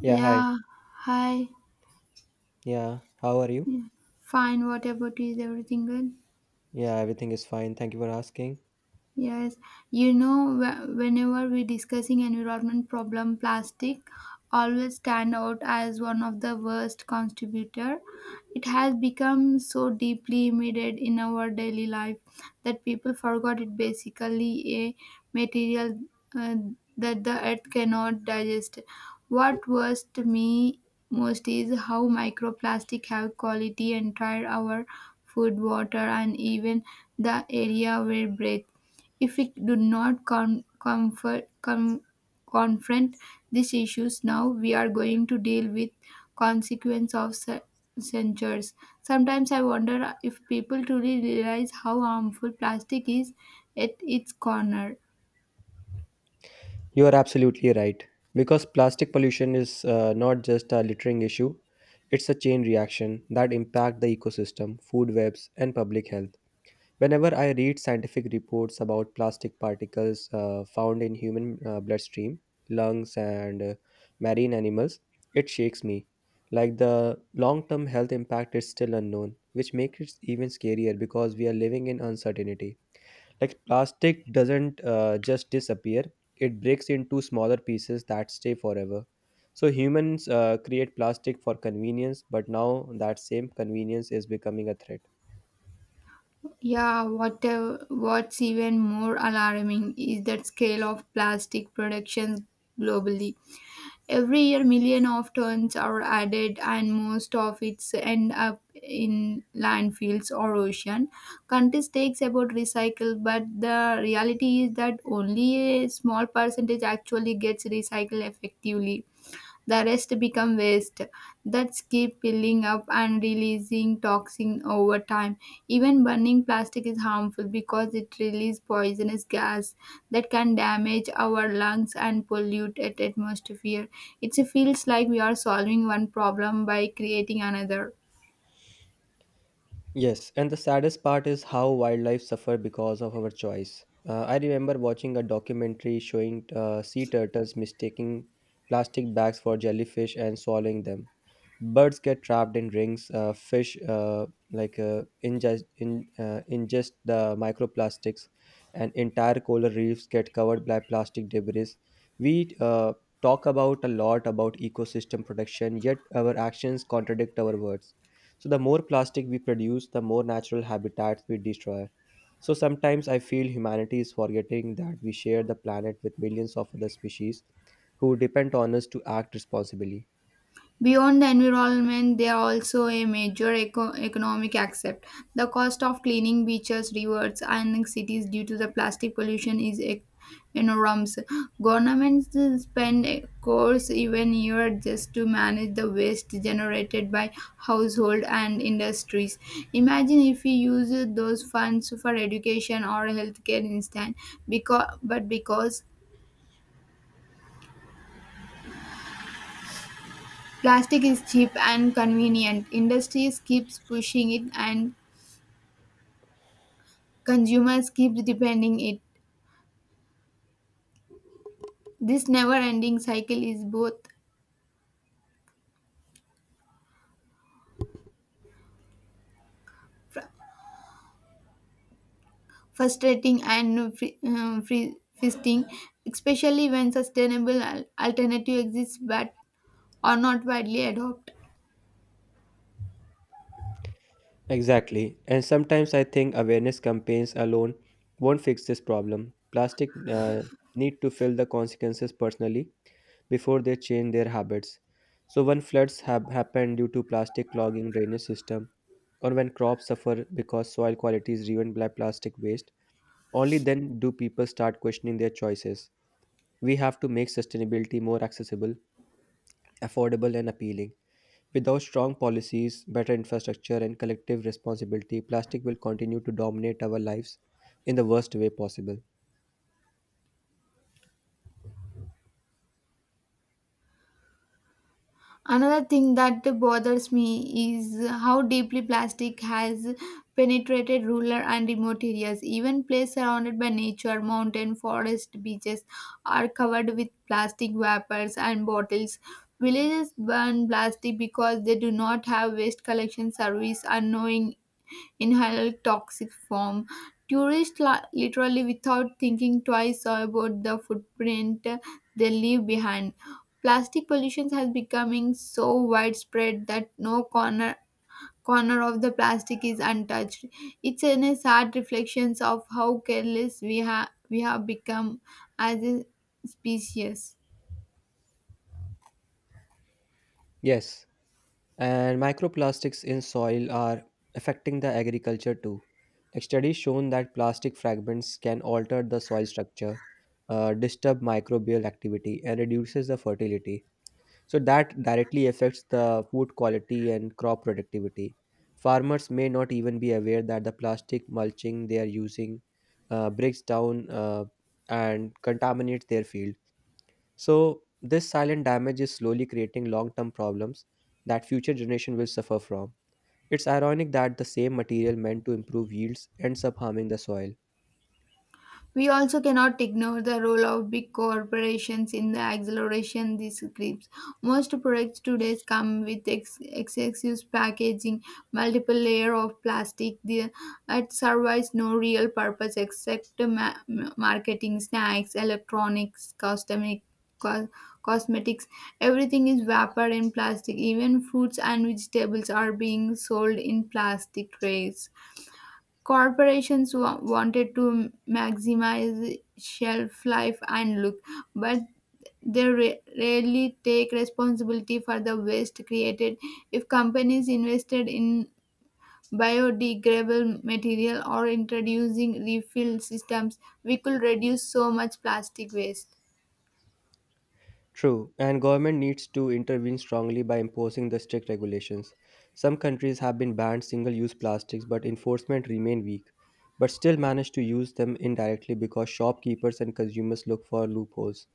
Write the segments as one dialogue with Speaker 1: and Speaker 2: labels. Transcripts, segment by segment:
Speaker 1: Yeah, hi.
Speaker 2: Yeah, hi.
Speaker 1: Yeah, how are you?
Speaker 2: Yeah. Fine, what about you? Is everything good?
Speaker 1: Yeah, everything is fine. Thank you for asking.
Speaker 2: Yes, whenever we're discussing environment problem, plastic always stand out as one of the worst contributor. It has become so deeply embedded in our daily life that people forgot it basically a material uh, that the earth cannot digest. What worst me most is how microplastic have quality and tried our food, water, and even the area we breathe. If we do not confront these issues now, we are going to deal with consequence of censures. Sometimes I wonder if people truly realize how harmful plastic is at its corner.
Speaker 1: You are absolutely right. Because plastic pollution is not just a littering issue, it's a chain reaction that impacts the ecosystem, food webs, and public health. Whenever I read scientific reports about plastic particles found in human bloodstream, lungs, and marine animals, it shakes me. Like the long-term health impact is still unknown, which makes it even scarier because we are living in uncertainty. Like plastic doesn't just disappear, it breaks into smaller pieces that stay forever. So humans create plastic for convenience, but now that same convenience is becoming a threat.
Speaker 2: Yeah, what's even more alarming is the scale of plastic productions globally. Every year, millions of tons are added, and most of it end up in landfills or ocean. Countries takes about recycle, but the reality is that only a small percentage actually gets recycled effectively, the rest become waste that keep piling up and releasing toxin over time. Even burning plastic is harmful because it releases poisonous gas that can damage our lungs and pollute at atmosphere. It feels like we are solving one problem by creating another.
Speaker 1: Yes, and the saddest part is how wildlife suffer because of our choice. I remember watching a documentary showing sea turtles mistaking plastic bags for jellyfish and swallowing them. Birds get trapped in rings. Fish, like ingest, in, ingest the microplastics, and entire coral reefs get covered by plastic debris. We talk about a lot about ecosystem protection, yet our actions contradict our words. So the more plastic we produce, the more natural habitats we destroy. So sometimes I feel humanity is forgetting that we share the planet with millions of other species who depend on us to act responsibly.
Speaker 2: Beyond the environment, they are also a major economic aspect. The cost of cleaning beaches, rivers, and cities due to the plastic pollution is enormous. Governments spend crores even year just to manage the waste generated by household and industries. Imagine if we use those funds for education or healthcare instead. Because, but because plastic is cheap and convenient, industries keeps pushing it and consumers keep depending it. This never-ending cycle is both fr- frustrating and fisting, especially when sustainable alternative exists but are not widely adopted.
Speaker 1: Exactly. And sometimes I think awareness campaigns alone won't fix this problem. Plastic need to feel the consequences personally before they change their habits. So when floods have happened due to plastic clogging drainage system or when crops suffer because soil quality is ruined by plastic waste, only then do people start questioning their choices. We have to make sustainability more accessible, affordable and appealing. Without strong policies, better infrastructure, and collective responsibility, plastic will continue to dominate our lives in the worst way possible.
Speaker 2: Another thing that bothers me is how deeply plastic has penetrated rural and remote areas. Even places surrounded by nature, mountain, forest, beaches are covered with plastic wrappers and bottles. Villages burn plastic because they do not have waste collection service, unknowing inhaled toxic form. Tourists literally, without thinking twice about the footprint they leave behind. Plastic pollution has becoming so widespread that no corner of the plastic is untouched. It's in a sad reflections of how careless we have become as a species.
Speaker 1: Yes, and microplastics in soil are affecting the agriculture too. Like studies shown that plastic fragments can alter the soil structure, disturb microbial activity, and reduces the fertility. So that directly affects the food quality and crop productivity. Farmers may not even be aware that the plastic mulching they are using breaks down and contaminates their field. So this silent damage is slowly creating long-term problems that future generation will suffer from. It's ironic that the same material meant to improve yields ends up harming the soil.
Speaker 2: We also cannot ignore the role of big corporations in the acceleration these grips. Most products today come with excessive packaging, multiple layer of plastic that serves no real purpose except marketing, snacks, electronics, cosmetic, co- cosmetics. Everything is wrapped in plastic. Even fruits and vegetables are being sold in plastic trays. Corporations wanted to maximize shelf life and look, but they rarely take responsibility for the waste created. If companies invested in biodegradable material or introducing refill systems, we could reduce so much plastic waste.
Speaker 1: True, and government needs to intervene strongly by imposing the strict regulations. Some countries have been banned single-use plastics, but enforcement remain weak, but still manage to use them indirectly because shopkeepers and consumers look for loopholes.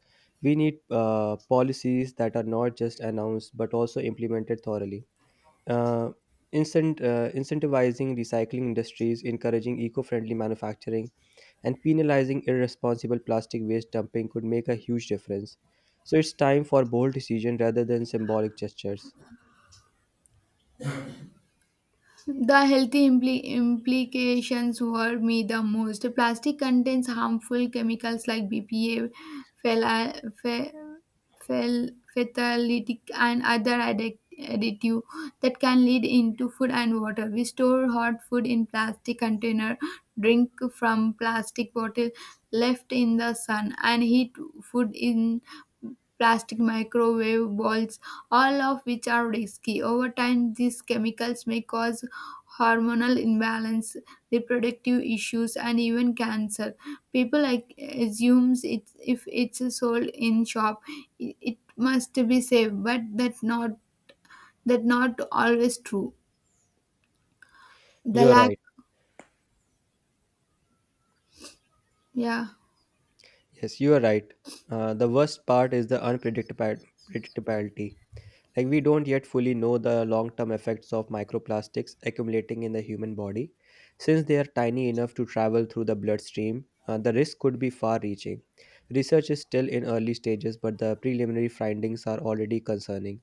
Speaker 1: We need policies that are not just announced but also implemented thoroughly. Uh, Incentivizing recycling industries, encouraging eco-friendly manufacturing, and penalizing irresponsible plastic waste dumping could make a huge difference. So it's time for bold decision rather than symbolic gestures.
Speaker 2: The healthy implications were me the most. Plastic contains harmful chemicals like BPA, phthala- ph- fatalitic, and other additive that can lead into food and water. We store hot food in plastic container, drink from plastic bottle left in the sun, and heat food in plastic microwave balls, all of which are risky. Over time, these chemicals may cause hormonal imbalance, reproductive issues, and even cancer. People like assumes it's if it's sold in shop, it must be safe, but that not always true. The
Speaker 1: You're
Speaker 2: lack,
Speaker 1: right.
Speaker 2: yeah.
Speaker 1: Yes, you are right. The worst part is the unpredictability. Predictability. Like we don't yet fully know the long-term effects of microplastics accumulating in the human body. Since they are tiny enough to travel through the bloodstream, the risk could be far-reaching. Research is still in early stages, but the preliminary findings are already concerning.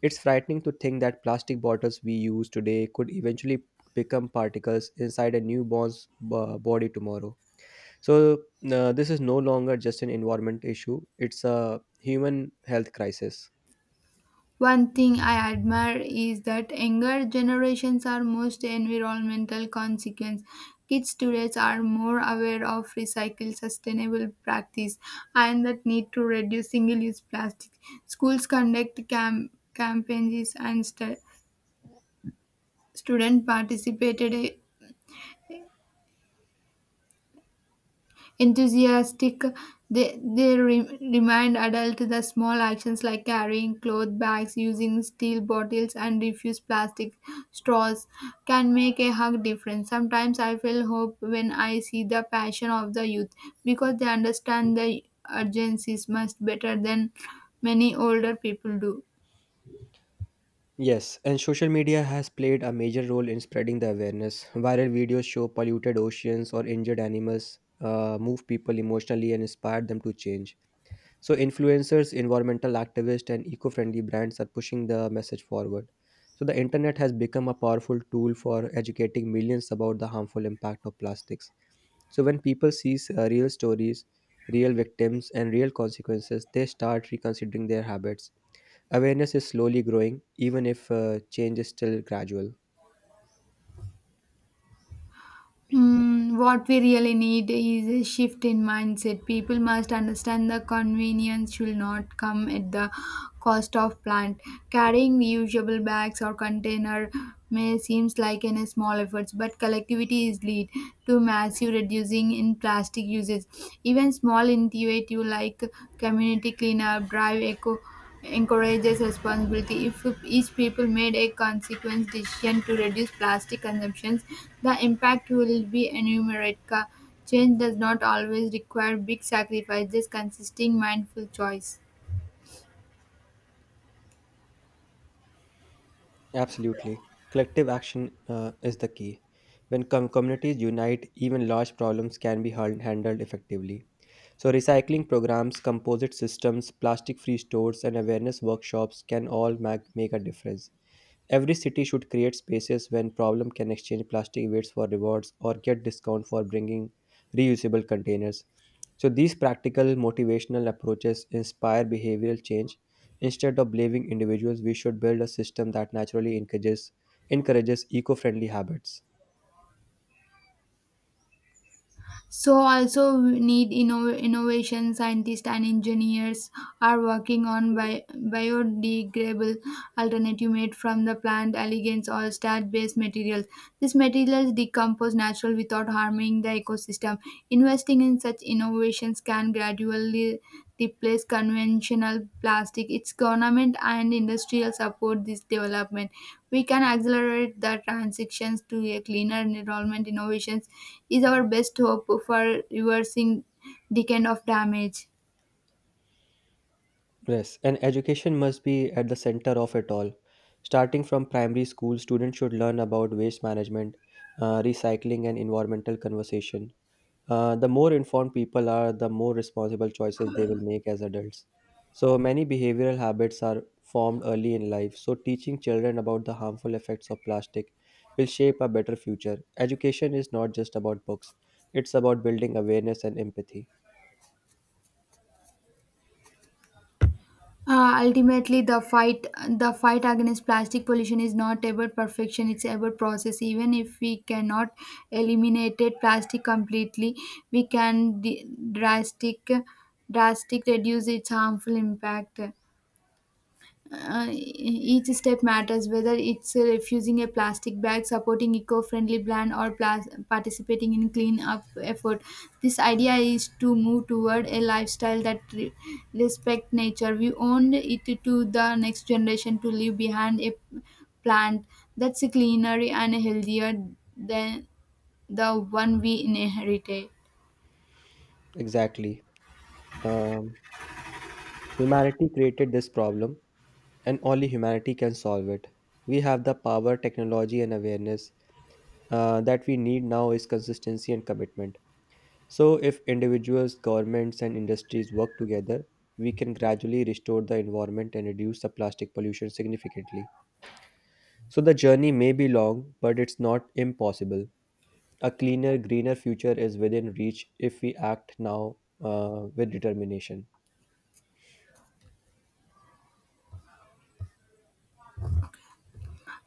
Speaker 1: It's frightening to think that plastic bottles we use today could eventually become particles inside a newborn's body tomorrow. So, this is no longer just an environment issue, it's a human health crisis.
Speaker 2: One thing I admire is that younger generations are most environmental consequence. Kids today are more aware of recycle sustainable practice and that need to reduce single-use plastic. Schools conduct campaigns and Students participated enthusiastic. They remind adults the small actions like carrying cloth bags, using steel bottles, and refuse plastic straws can make a hug difference. Sometimes I feel hope when I see the passion of the youth because they understand the urgencies much better than many older people do.
Speaker 1: Yes, and social media has played a major role in spreading the awareness. Viral videos show polluted oceans or injured animals, move people emotionally, and inspire them to change. So, influencers, environmental activists, and eco friendly brands are pushing the message forward. So, the internet has become a powerful tool for educating millions about the harmful impact of plastics. So, when people see real stories, real victims, and real consequences, they start reconsidering their habits. Awareness is slowly growing, even if change is still gradual.
Speaker 2: Hmm, what we really need is a shift in mindset. People must understand the convenience should not come at the cost of plant. Carrying reusable bags or container may seems like an small efforts, but collectivity is lead to massive reducing in plastic uses. Even small initiative like community cleanup, drive eco encourages responsibility. If each people made a consequence decision to reduce plastic consumptions, the impact will be enumerate. Change does not always require big sacrifices, consisting mindful choice.
Speaker 1: Absolutely. Collective action is the key. When communities unite, even large problems can be handled effectively. So, recycling programs, composite systems, plastic free stores, and awareness workshops can all make a difference. Every city should create spaces when problem can exchange plastic waste for rewards or get discount for bringing reusable containers. So, these practical motivational approaches inspire behavioral change. Instead of blaming individuals, we should build a system that naturally encourages eco-friendly habits.
Speaker 2: So also we need innovation scientists and engineers are working on biodegradable alternative made from the plant elegance or starch-based materials. These materials decompose naturally without harming the ecosystem. Investing in such innovations can gradually replace conventional plastic. Its government and industrial support this development, we can accelerate the transitions to a cleaner environment. Innovations is our best hope for reversing decade of damage.
Speaker 1: Yes, and education must be at the center of it all. Starting from primary school, students should learn about waste management, recycling, and environmental conversation. The more informed people are, the more responsible choices they will make as adults. So many behavioral habits are formed early in life. So teaching children about the harmful effects of plastic will shape a better future. Education is not just about books; it's about building awareness and empathy.
Speaker 2: Ultimately, the fight against plastic pollution is not about perfection; it's about process. Even if we cannot eliminate it plastic completely, we can drastic drastic reduce its harmful impact. Each step matters, whether it's refusing a plastic bag, supporting eco-friendly brand, or participating in clean up effort. This idea is to move toward a lifestyle that respect nature. We own it to the next generation to leave behind a plant that's cleaner and healthier than the one we inherited.
Speaker 1: Exactly. Um, Humanity created this problem and only humanity can solve it. We have the power, technology, and awareness that we need now is consistency and commitment. So, if individuals, governments, and industries work together, we can gradually restore the environment and reduce the plastic pollution significantly. So, the journey may be long, but it's not impossible. A cleaner, greener future is within reach if we act now with determination.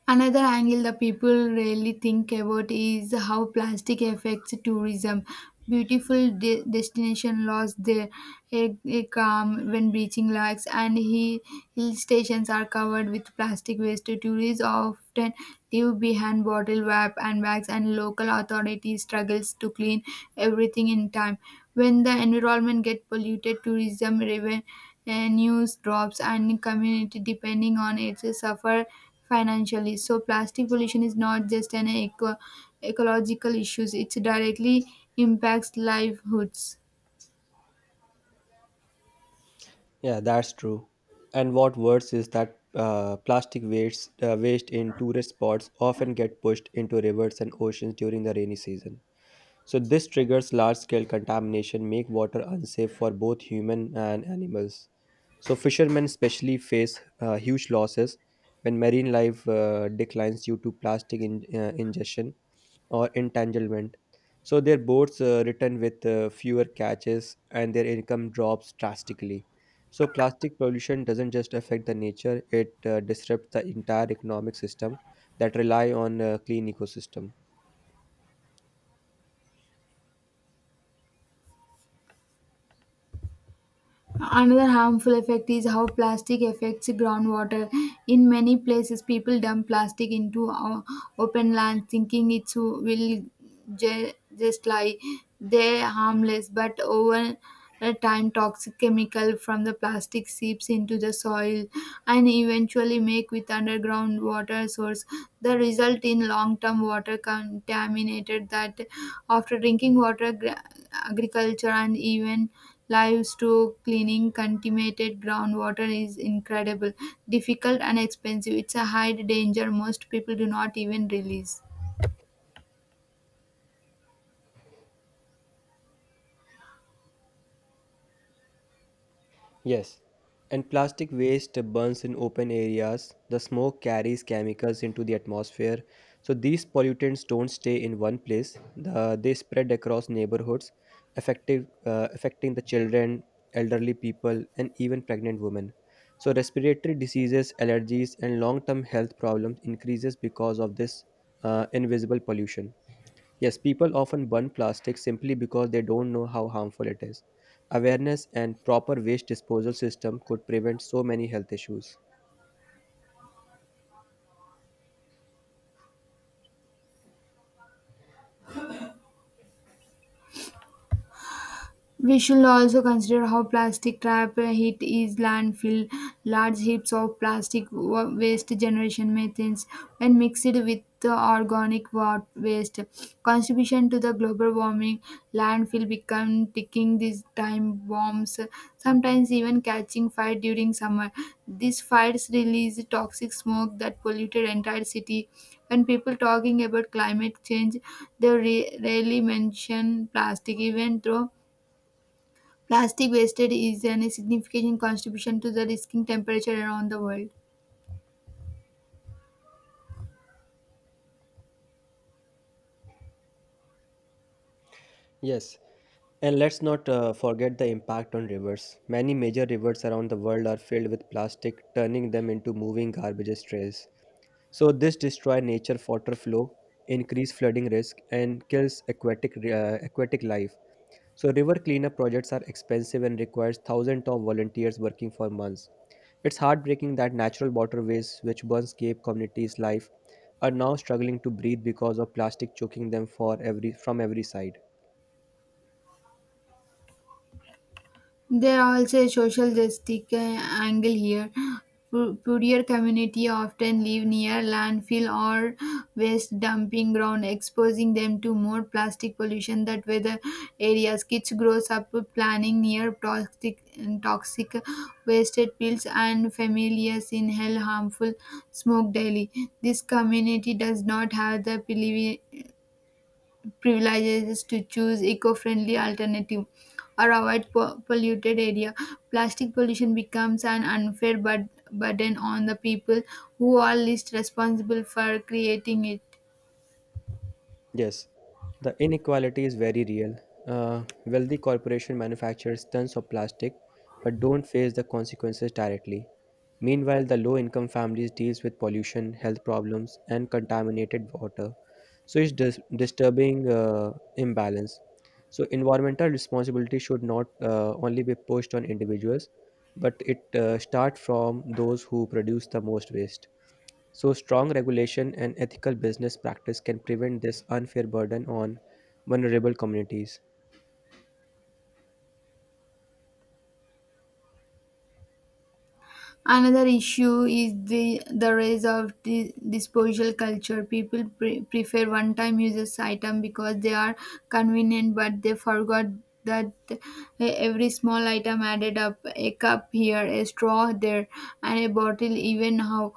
Speaker 2: Another angle the people rarely think about is how plastic affects tourism. Beautiful destination lost their air calm when beaching lakes and hill stations are covered with plastic waste. Tourists often leave behind bottle wrap and bags, and local authorities struggles to clean everything in time. When the environment get polluted, tourism revenue drops, and community depending on it suffer financially. So plastic pollution is not just an ecological issue; it directly impacts livelihoods.
Speaker 1: Yeah, that's true. And what worse is that waste in tourist spots often get pushed into rivers and oceans during the rainy season. So this triggers large-scale contamination, make water unsafe for both human and animals. So fishermen especially face huge losses when marine life declines due to plastic ingestion or entanglement. So their boats return with fewer catches and their income drops drastically. So plastic pollution doesn't just affect the nature, it disrupts the entire economic system that rely on a clean ecosystem.
Speaker 2: Another harmful effect is how plastic affects groundwater. In many places, people dump plastic into open land thinking it will just lie there harmless, but over at time toxic chemical from the plastic seeps into the soil and eventually make with underground water source. The result in long term water contaminated that after drinking water, agriculture, and even livestock. Cleaning contaminated groundwater is incredible difficult and expensive. It's a high danger most people do not even realize.
Speaker 1: Yes, and plastic waste burns in open areas. The smoke carries chemicals into the atmosphere. So these pollutants don't stay in one place. They spread across neighborhoods, affecting the children, elderly people, and even pregnant women. So respiratory diseases, allergies, and long-term health problems increases because of this invisible pollution. Yes, people often burn plastic simply because they don't know how harmful it is. Awareness and proper waste disposal system could prevent so many health issues.
Speaker 2: We should also consider how plastic trap hit is landfill. Large heaps of plastic waste generation methanes when mixed with the organic waste, contribution to the global warming. Landfill become ticking these time bombs, sometimes even catching fire during summer. These fires release toxic smoke that polluted entire city. When people talking about climate change, they rarely mention plastic, even though plastic wastage is a significant contribution to the rising temperature around the world.
Speaker 1: Yes, and let's not forget the impact on rivers. Many major rivers around the world are filled with plastic, turning them into moving garbage trails. So this destroys nature water flow, increase flooding risk, and kills aquatic life. So river cleanup projects are expensive and requires thousands of volunteers working for months. It's heartbreaking that natural waterways which once gave communities life are now struggling to breathe because of plastic choking them for every from every side.
Speaker 2: There are also a social justice angle here. Poorer community often live near landfill or waste dumping ground, exposing them to more plastic pollution that weather areas. Kids grows up planning near toxic wasted pills, and familiars inhale harmful smoke daily. This community does not have the privileges to choose eco-friendly alternative or avoid polluted area. Plastic pollution becomes an unfair burden on the people who are least responsible for creating it.
Speaker 1: Yes, the inequality is very real. Wealthy corporation manufactures tons of plastic but don't face the consequences directly. Meanwhile, the low income families deals with pollution, health problems and contaminated water. So it's disturbing imbalance. So environmental responsibility should not only be pushed on individuals but it start from those who produce the most waste. So, strong regulation and ethical business practice can prevent this unfair burden on vulnerable communities.
Speaker 2: Another issue is the rise of the disposal culture. People prefer one time uses item because they are convenient, but they forgot that every small item added up, a cup here, a straw there, and a bottle even how,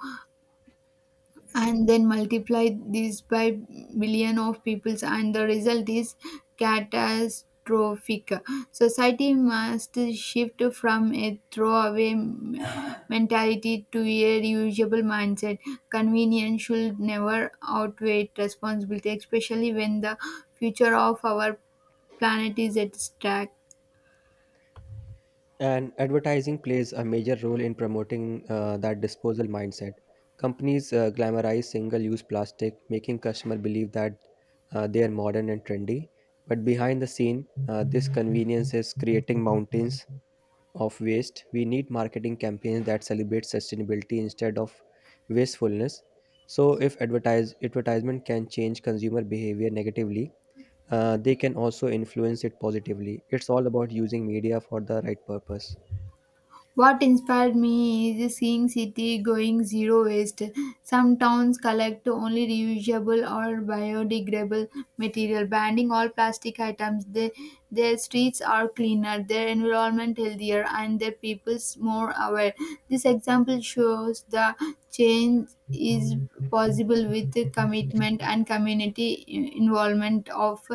Speaker 2: and then multiply this by billion of peoples, and the result is catastrophic. Society must shift from a throwaway mentality to a reusable mindset. Convenience should never outweigh responsibility, especially when the future of our planet is at stake.
Speaker 1: And advertising plays a major role in promoting that disposal mindset. Companies glamorize single use plastic, making customers believe that they are modern and trendy. But behind the scene, this convenience is creating mountains of waste, we need marketing campaigns that celebrate sustainability instead of wastefulness. So, if advertisement can change consumer behavior negatively, they can also influence it positively. It's all about using media for the right purpose.
Speaker 2: What inspired me is seeing city going zero waste. Some towns collect only reusable or biodegradable material, banning all plastic items. They, their streets are cleaner, their environment healthier, and their peoples more aware. This example shows the change is possible with the commitment and community involvement. Of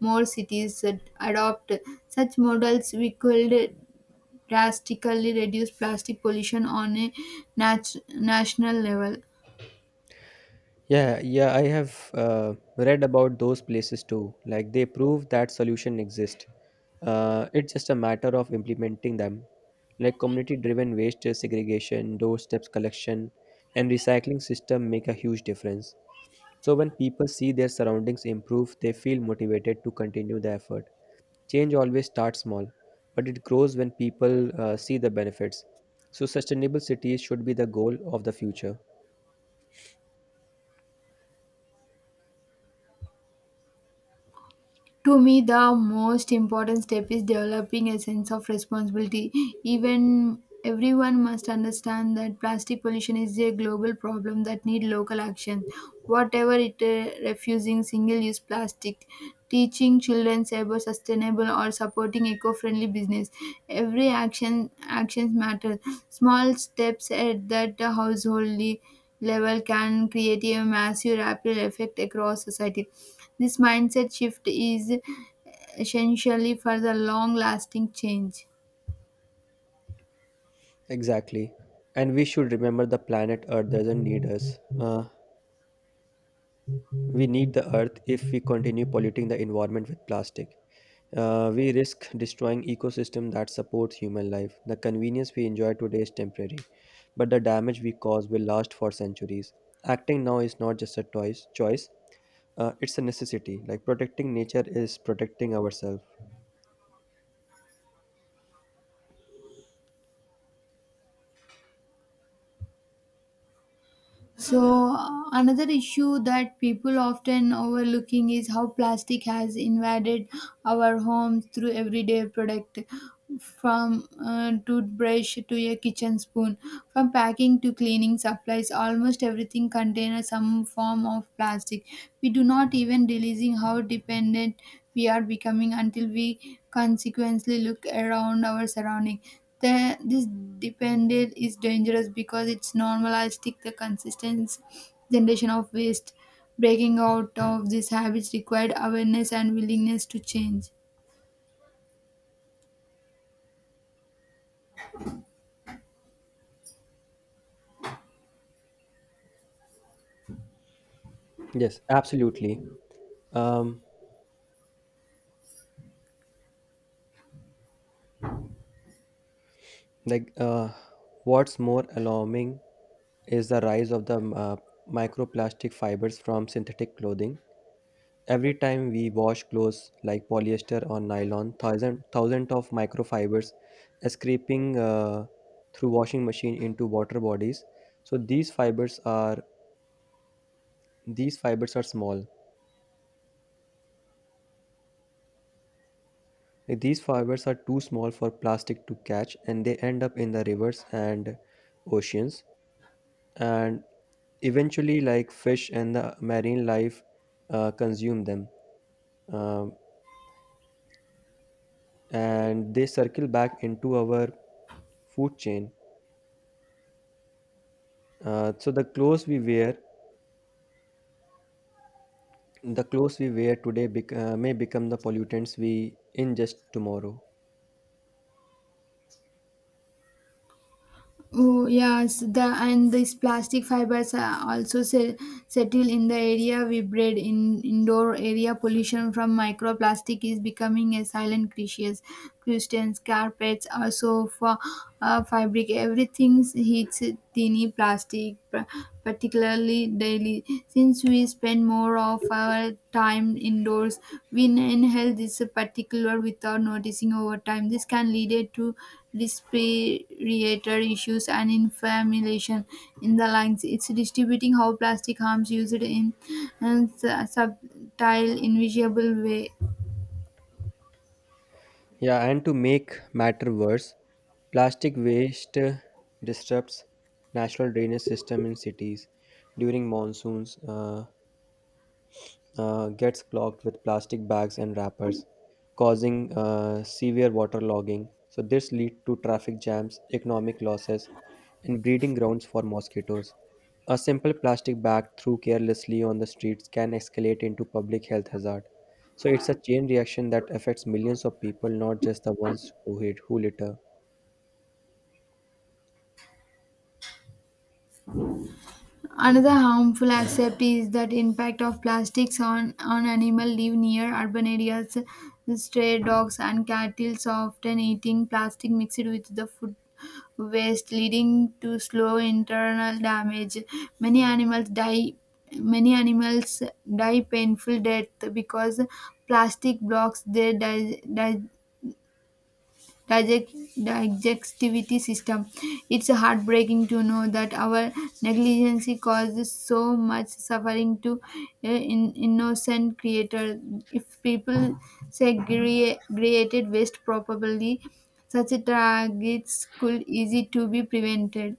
Speaker 2: more cities that adopt such models, we could drastically reduce plastic pollution on a national level.
Speaker 1: Yeah, yeah, I have read about those places too. Like they prove that solution exist. It's just a matter of implementing them. Like community-driven waste segregation, doorsteps collection, and recycling system make a huge difference. So, when people see their surroundings improve, they feel motivated to continue the effort. Change always starts small, but it grows when people see the benefits. So, sustainable cities should be the goal of the future.
Speaker 2: To me, the most important step is developing a sense of responsibility. Even everyone must understand that plastic pollution is a global problem that need local action. Whatever it refusing single-use plastic, teaching children about sustainable, or supporting eco-friendly business. Every action actions matter. Small steps at that household level can create a massive ripple effect across society. This mindset shift is essentially for the long lasting change.
Speaker 1: Exactly. And we should remember the planet Earth doesn't need us. We need the Earth if we continue polluting the environment with plastic. We risk destroying ecosystem that supports human life. The convenience we enjoy today is temporary, but the damage we cause will last for centuries. Acting now is not just a choice. It's a necessity. Like protecting nature is protecting ourselves.
Speaker 2: So another issue that people often overlooking is how plastic has invaded our homes through everyday product, from a toothbrush to a kitchen spoon, from packing to cleaning supplies. Almost everything contains some form of plastic. We do not even realizing how dependent we are becoming until we consequently look around our surrounding. This dependent is dangerous because it's normalistic the consistent generation of waste. Breaking out of these habits required awareness and willingness to change.
Speaker 1: Yes, absolutely. Um, like uh, what's more alarming is the rise of the microplastic fibers from synthetic clothing. Every time we wash clothes like polyester or nylon, thousand of microfibers escaping through washing machine into water bodies. So these fibers are small. These fibers are too small for plastic to catch, and they end up in the rivers and oceans, and eventually, like fish and the marine life, consume them, um, and they circle back into our food chain. Uh, so the clothes we wear The clothes we wear today may become the pollutants we ingest tomorrow.
Speaker 2: Oh yes, the and these plastic fibers are also settle in the area we breathe. In indoor area, pollution from microplastic is becoming a silent crisis. Christians, carpets, also for fabric, everything hits tiny plastic particularly daily. We, since we spend more of our time indoors, we inhale this particular without noticing. Over time this can lead to respiratory issues and inflammation in the lungs. It's distributing how plastic harms used in a subtle invisible way.
Speaker 1: Yeah, and to make matter worse, plastic waste disrupts natural drainage system in cities. During monsoons, gets clogged with plastic bags and wrappers, causing severe water logging. So this lead to traffic jams, economic losses, and breeding grounds for mosquitoes. A simple plastic bag thrown carelessly on the streets can escalate into public health hazard. So it's a chain reaction that affects millions of people, not just the ones who litter.
Speaker 2: Another harmful aspect is that impact of plastics on animal live near urban areas. Stray dogs and cattle often eating plastic mixed with the food waste, leading to slow internal damage. Many animals die. Many animals die painful death because plastic blocks their digestivity system. It's heartbreaking to know that our negligence causes so much suffering to innocent creator. If people segregated waste properly, such targets could easy to be prevented.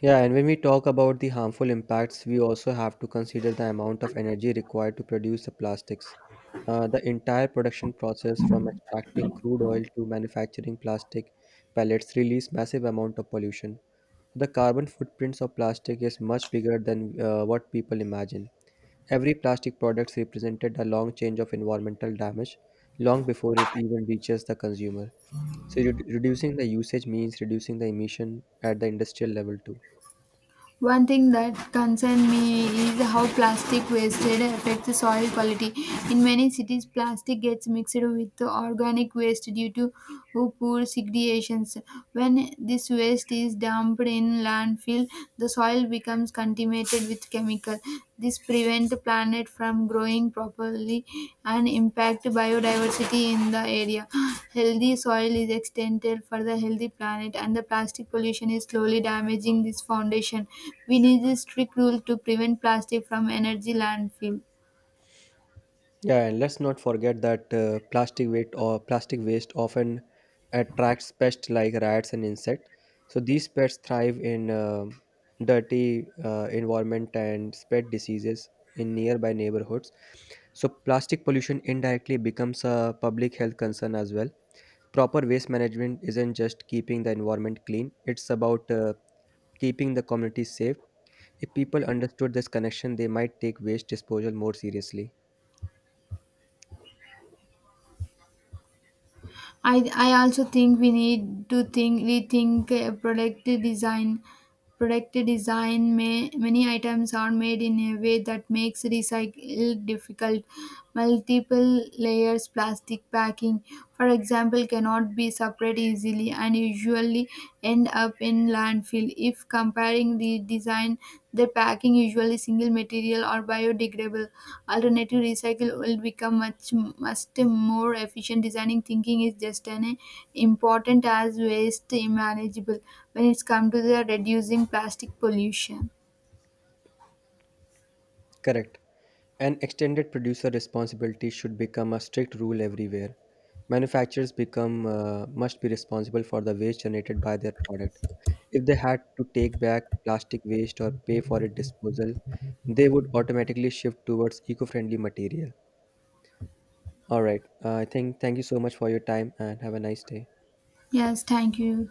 Speaker 1: Yeah, and when we talk about the harmful impacts, we also have to consider the amount of energy required to produce the plastics. The entire production process from extracting crude oil to manufacturing plastic pellets release massive amount of pollution. So, the carbon footprints of plastic is much bigger than what people imagine. Every plastic product represented a long change of environmental damage long before it even reaches the consumer. So reducing the usage means reducing the emission at the industrial level too.
Speaker 2: One thing that concerns me is how plastic wastage affects the soil quality. In many cities, plastic gets mixed with the organic waste due to poor segregations. When this waste is dumped in landfill, the soil becomes contaminated with chemicals chemical. This prevent the planet from growing properly and impact biodiversity in the area. Healthy soil is extended for the healthy planet, and the plastic pollution is slowly damaging this foundation. We need a strict rule to prevent plastic from energy landfill.
Speaker 1: Yeah, and let's not forget that plastic weight or plastic waste often attracts pests like rats and insects. So these pests thrive in dirty environment and spread diseases in nearby neighborhoods. So plastic pollution indirectly becomes a public health concern as well. Proper waste management isn't just keeping the environment clean, it's about keeping the community safe. If people understood this connection they might take waste disposal more seriously.
Speaker 2: I also think we need to think rethink product design. Product design may many items are made in a way that makes recycle difficult. Multiple layers plastic packing, for example, cannot be separate easily and usually end up in landfill. If comparing the design, their packing usually single material or biodegradable alternative, recycle will become much much more efficient. Designing thinking is just an important as waste manageable when it's come to the reducing plastic pollution.
Speaker 1: Correct, an extended producer responsibility should become a strict rule everywhere. Manufacturers become must be responsible for the waste generated by their product. If they had to take back plastic waste or pay for its disposal they would automatically shift towards eco-friendly material. All right. I think thank you so much for your time and have a nice day.
Speaker 2: Yes, thank you.